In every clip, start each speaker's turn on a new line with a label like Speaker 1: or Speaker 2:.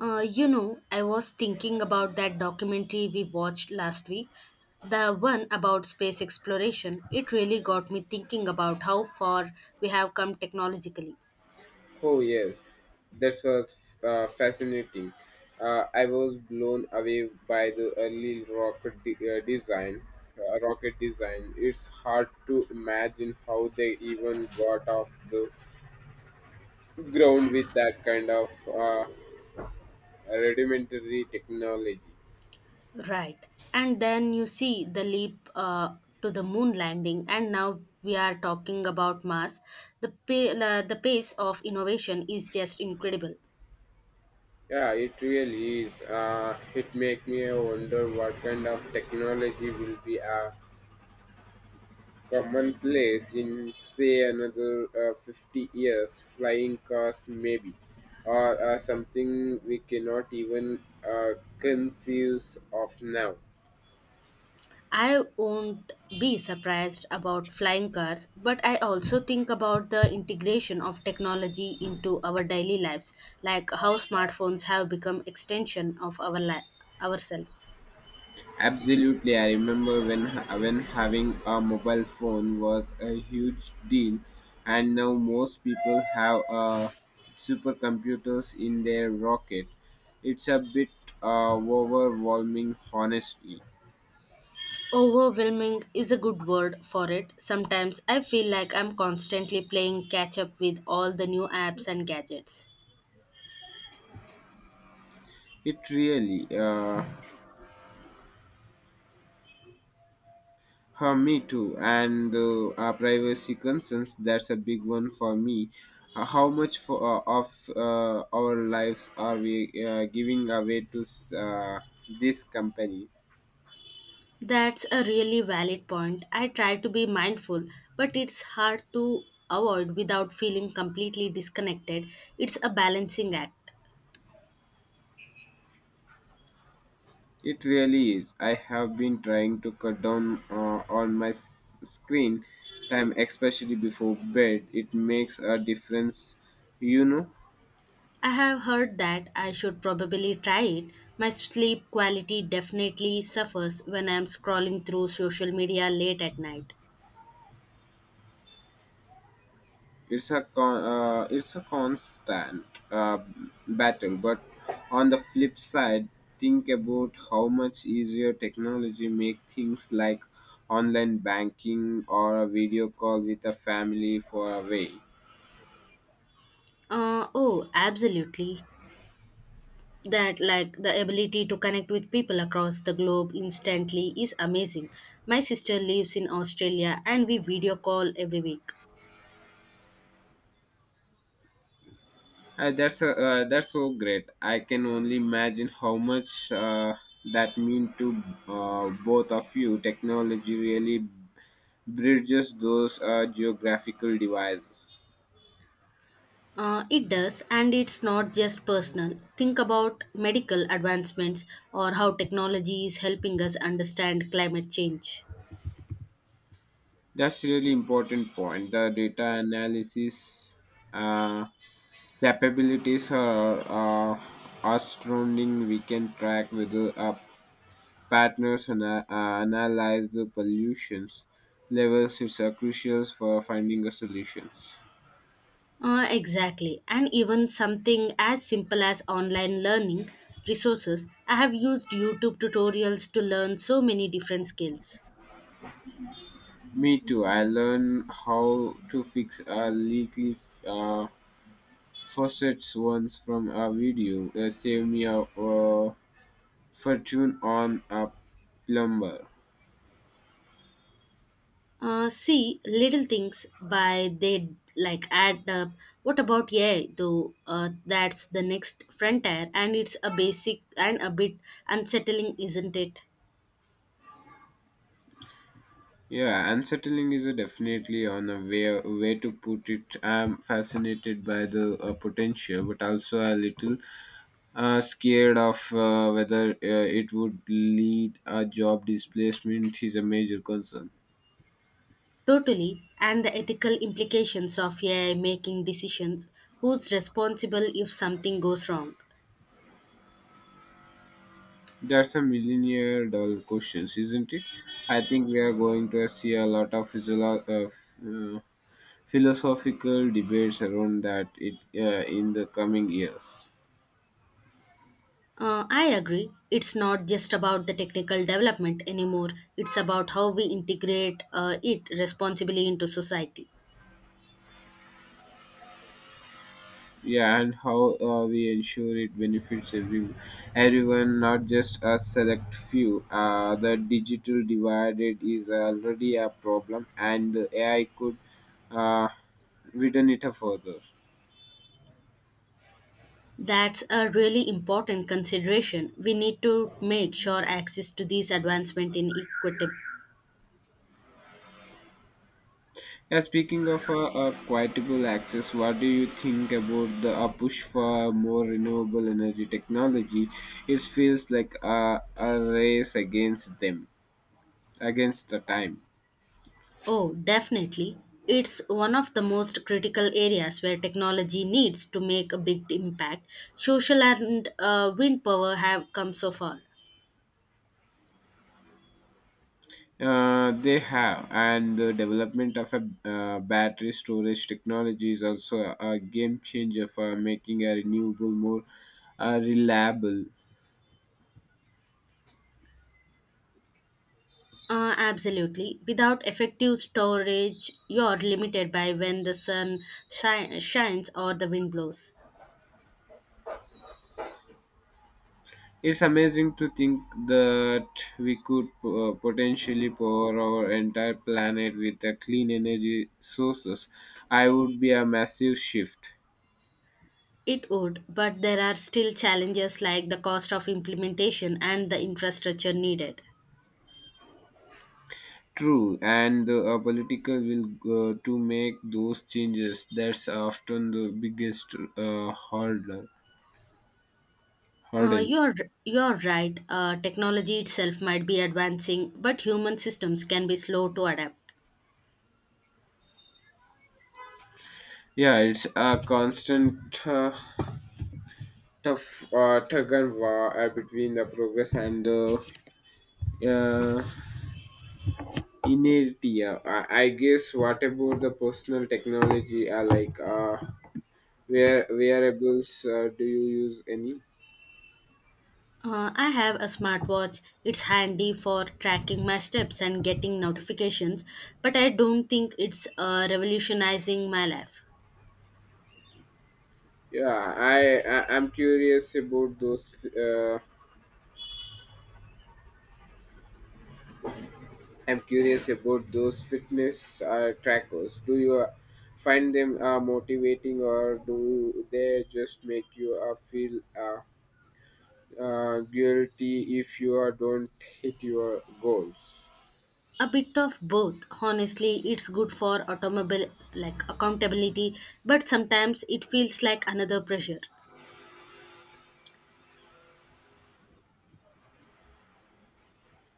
Speaker 1: I was thinking about that documentary we watched last week, the one about space exploration. It really got me thinking about how far we have come technologically.
Speaker 2: Oh yes, that was fascinating. I was blown away by the early design. Rocket design. It's hard to imagine how they even got off the ground with that kind of rudimentary technology.
Speaker 1: Right. And then you see the leap to the moon landing, and now we are talking about Mars. The, pa- la the pace of innovation is just incredible.
Speaker 2: Yeah, it really is. It makes me wonder what kind of technology will be commonplace in say another 50 years, flying cars maybe or something we cannot even uh, conceive of now.
Speaker 1: I won't be surprised about flying cars, but I also think about the integration of technology into our daily lives, like how smartphones have become extension of ourselves.
Speaker 2: Absolutely, I remember when having a mobile phone was a huge deal, and now most people have supercomputers in their rocket. It's a bit overwhelming, honestly.
Speaker 1: Overwhelming is a good word for it. Sometimes I feel like I'm constantly playing catch up with all the new apps and gadgets.
Speaker 2: it really uh, me too. And privacy concerns, that's a big one for me. How much for, of our lives are we giving away to this company?
Speaker 1: That's a really valid point. I try to be mindful, but it's hard to avoid without feeling completely disconnected. It's a balancing act.
Speaker 2: It really is. I have been trying to cut down on my screen time, especially before bed. It makes a difference, you know.
Speaker 1: I have heard that I should probably try it. My sleep quality definitely suffers when I'm scrolling through social media late at night.
Speaker 2: It's a constant uh, battle, but on the flip side, think about how much easier technology make things like online banking or a video call with a family for a way.
Speaker 1: Oh, absolutely. That, like, the ability to connect with people across the globe instantly is amazing. My sister lives in Australia and we video call every week.
Speaker 2: That's so great. I can only imagine how much that mean to both of you. Technology really bridges those geographical devices.
Speaker 1: It does, and it's not just personal. Think about medical advancements or how technology is helping us understand climate change.
Speaker 2: That's really important point. The data analysis uh, capabilities are astounding. We can track with the partners and analyze the pollutions levels. It's crucial for finding a solutions.
Speaker 1: Exactly, and even something as simple as online learning resources. I have used YouTube tutorials to learn so many different skills.
Speaker 2: Me too. I learned how to fix a leaky uh, faucets once from a video. It saved me a fortune on a plumber.
Speaker 1: See, little things by they like add up. What about AI though? That's the next frontier, and it's a basic and a bit unsettling, isn't it?
Speaker 2: Yeah, unsettling is a definitely on a way to put it. I'm fascinated by the potential, but also a little scared of whether it would lead a job displacement is a major concern.
Speaker 1: Totally, and the ethical implications of AI making decisions, who's responsible if something goes wrong.
Speaker 2: That's a millionaire dollar question, isn't it? I think we are going to see a lot of philosophical debates around that it in the coming years.
Speaker 1: I agree, it's not just about the technical development anymore, it's about how we integrate it responsibly into society.
Speaker 2: Yeah, and how we ensure it benefits everyone, not just a select few. The digital divide it is already a problem, and the AI could uh, widen it further.
Speaker 1: That's a really important consideration. We need to make sure access to these advancements in equitable.
Speaker 2: Yeah, speaking of quietable access, what do you think about the push for more renewable energy technology? It feels like a race against the time.
Speaker 1: Oh, definitely. It's one of the most critical areas where technology needs to make a big impact. Social and wind power have come so far.
Speaker 2: They have, and the development of a battery storage technology is also a game changer for making a renewable more reliable.
Speaker 1: Absolutely. Without effective storage, you're limited by when the shines or the wind blows.
Speaker 2: It's amazing to think that we could potentially power our entire planet with clean energy sources. I would be a massive shift.
Speaker 1: It would, but there are still challenges like the cost of implementation and the infrastructure needed.
Speaker 2: True, and the political will to make those changes. That's often the biggest uh, hurdle.
Speaker 1: Uh,
Speaker 2: hurdle.
Speaker 1: you're you're right. Technology itself might be advancing, but human systems can be slow to adapt.
Speaker 2: Yeah, it's a constant tough tug and war between the progress and the uh, inertia. I guess what about the personal technology? Like wearables? Do you use any?
Speaker 1: I have a smartwatch. It's handy for tracking my steps and getting notifications, but I don't think it's revolutionizing my life.
Speaker 2: Yeah, I I'm curious about those. I'm curious about those fitness trackers. Do you find them motivating, or do they just make you feel? Guilty if you don't hit your goals.
Speaker 1: A bit of both. Honestly, it's good for automobile like accountability, but sometimes it feels like another pressure.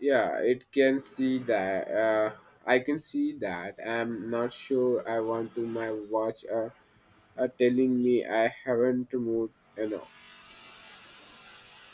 Speaker 2: Yeah, it can see that. I can see that. I'm not sure I want to my watch telling me I haven't moved enough.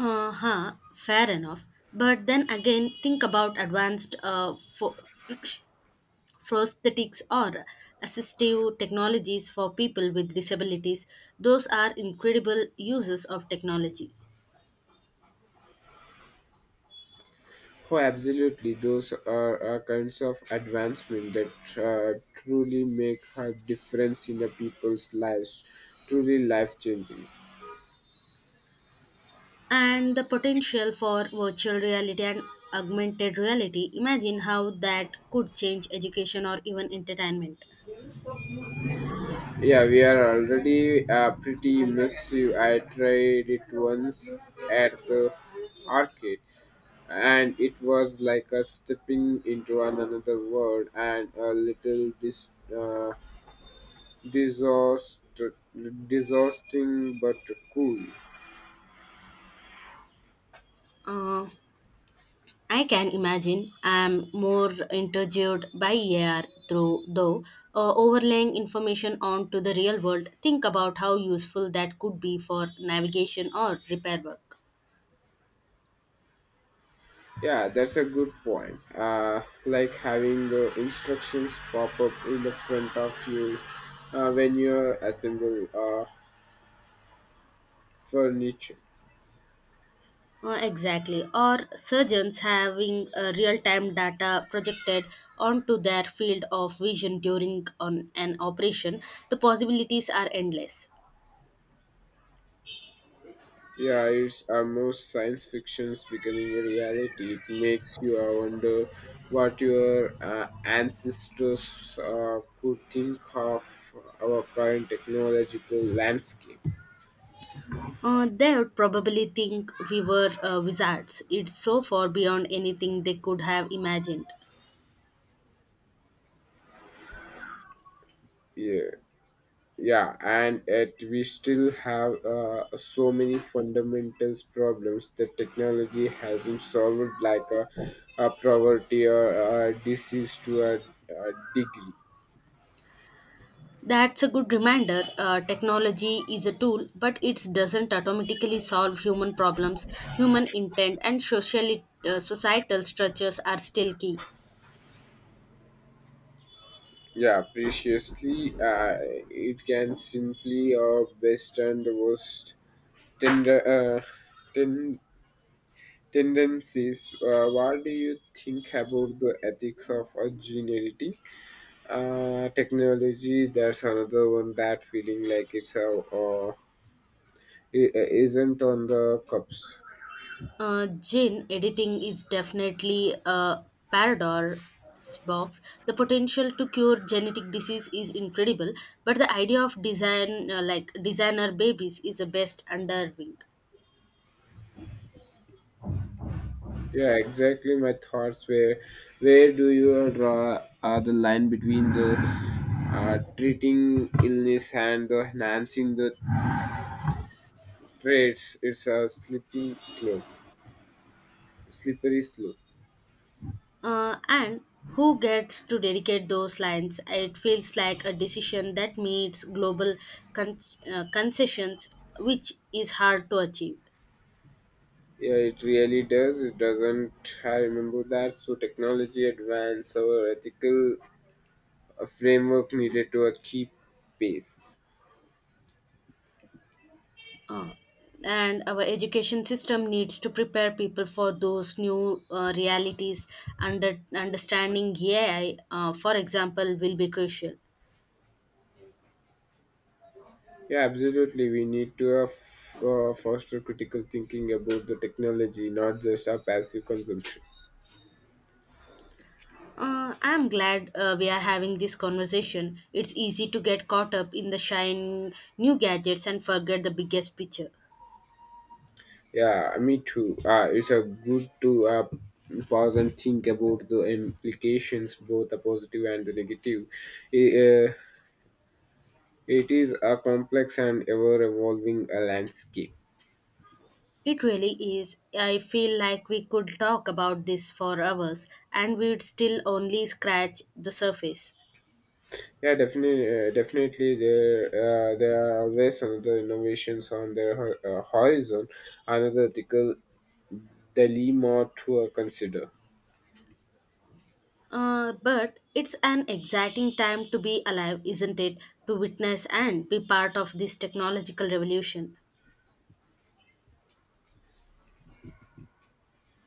Speaker 1: Uh huh, fair enough. But then again, think about prosthetics or assistive technologies for people with disabilities. Those are incredible uses of technology.
Speaker 2: Oh, absolutely. Those are kinds of advancement that truly make a difference in the people's lives. Truly life changing.
Speaker 1: And the potential for virtual reality and augmented reality. Imagine how that could change education or even entertainment.
Speaker 2: Yeah, we are already pretty massive. I tried it once at the arcade, and it was like a stepping into another world and a little disaster, disgusting but cool.
Speaker 1: Uh, I can imagine I'm more intrigued by AR through though overlaying information onto the real world. Think about how useful that could be for navigation or repair work.
Speaker 2: Yeah, that's a good point. Like having the instructions pop up in the front of you when you assemble furniture.
Speaker 1: Exactly. Or surgeons having real time data projected onto their field of vision during on an operation, the possibilities are endless.
Speaker 2: Yeah, it's almost science fiction's becoming a reality. It makes you wonder what your ancestors could think of our current technological landscape.
Speaker 1: They would probably think we were wizards. It's so far beyond anything they could have imagined.
Speaker 2: Yeah, yeah, and yet we still have so many fundamentals problems that technology hasn't solved, like a poverty or a disease to a degree.
Speaker 1: That's a good reminder. Technology is a tool, but it doesn't automatically solve human problems. Human intent and societal structures are still key.
Speaker 2: Yeah, preciously, it can simply or best and the worst tender ten- tendencies. What do you think about the ethics of a gene editing technology? That's another one that feeling like it's a isn't on the cups.
Speaker 1: Gene editing is definitely a paradox box. The potential to cure genetic disease is incredible, but the idea of designer babies is a best underwing.
Speaker 2: Yeah, exactly. My thoughts were, where do you draw the line between the treating illness and the enhancing the trades? It's a slipping slope slippery slope.
Speaker 1: And who gets to dedicate those lines? It feels like a decision that meets global con- concessions, which is hard to achieve.
Speaker 2: Yeah, it really does, it doesn't. I remember that so technology advance our ethical framework needed to keep pace.
Speaker 1: And our education system needs to prepare people for those new realities, under understanding AI, for example, will be crucial.
Speaker 2: Yeah, absolutely, we need to foster critical thinking about the technology, not just our passive consumption.
Speaker 1: I'm glad we are having this conversation. It's easy to get caught up in the shine new gadgets and forget the biggest picture.
Speaker 2: Yeah, me too. It's a good to pause and think about the implications, both the positive and the negative. Eh, Uh, It is a complex and ever-evolving landscape.
Speaker 1: It really is. I feel like we could talk about this for hours and we'd still only scratch the surface.
Speaker 2: Yeah, definitely, there are always another innovations on the horizon, another ethical dilemma to consider.
Speaker 1: But it's an exciting time to be alive, isn't it? To witness and be part of this technological revolution.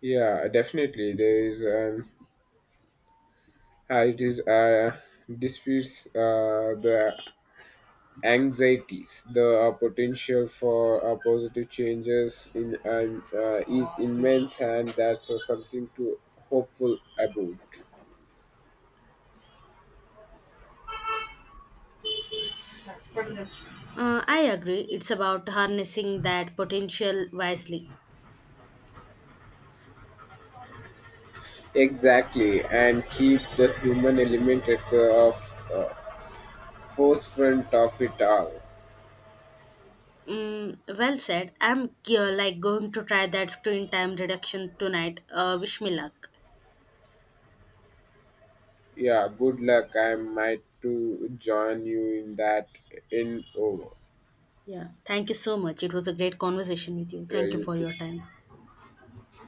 Speaker 2: Yeah, definitely, there is an it is disputes the anxieties, the potential for positive changes in is immense, and that's something to hopeful about.
Speaker 1: I agree, it's about harnessing that potential wisely.
Speaker 2: Exactly, and keep the human element at the of uh, forefront of it all.
Speaker 1: Mm, well said. I'm going to try that screen time reduction tonight. Wish me luck.
Speaker 2: Yeah, good luck. I might to join you in that in over.
Speaker 1: Yeah, thank you so much. It was a great conversation with you.
Speaker 2: Yeah,
Speaker 1: Thank you
Speaker 2: you
Speaker 1: for
Speaker 2: too.
Speaker 1: your time.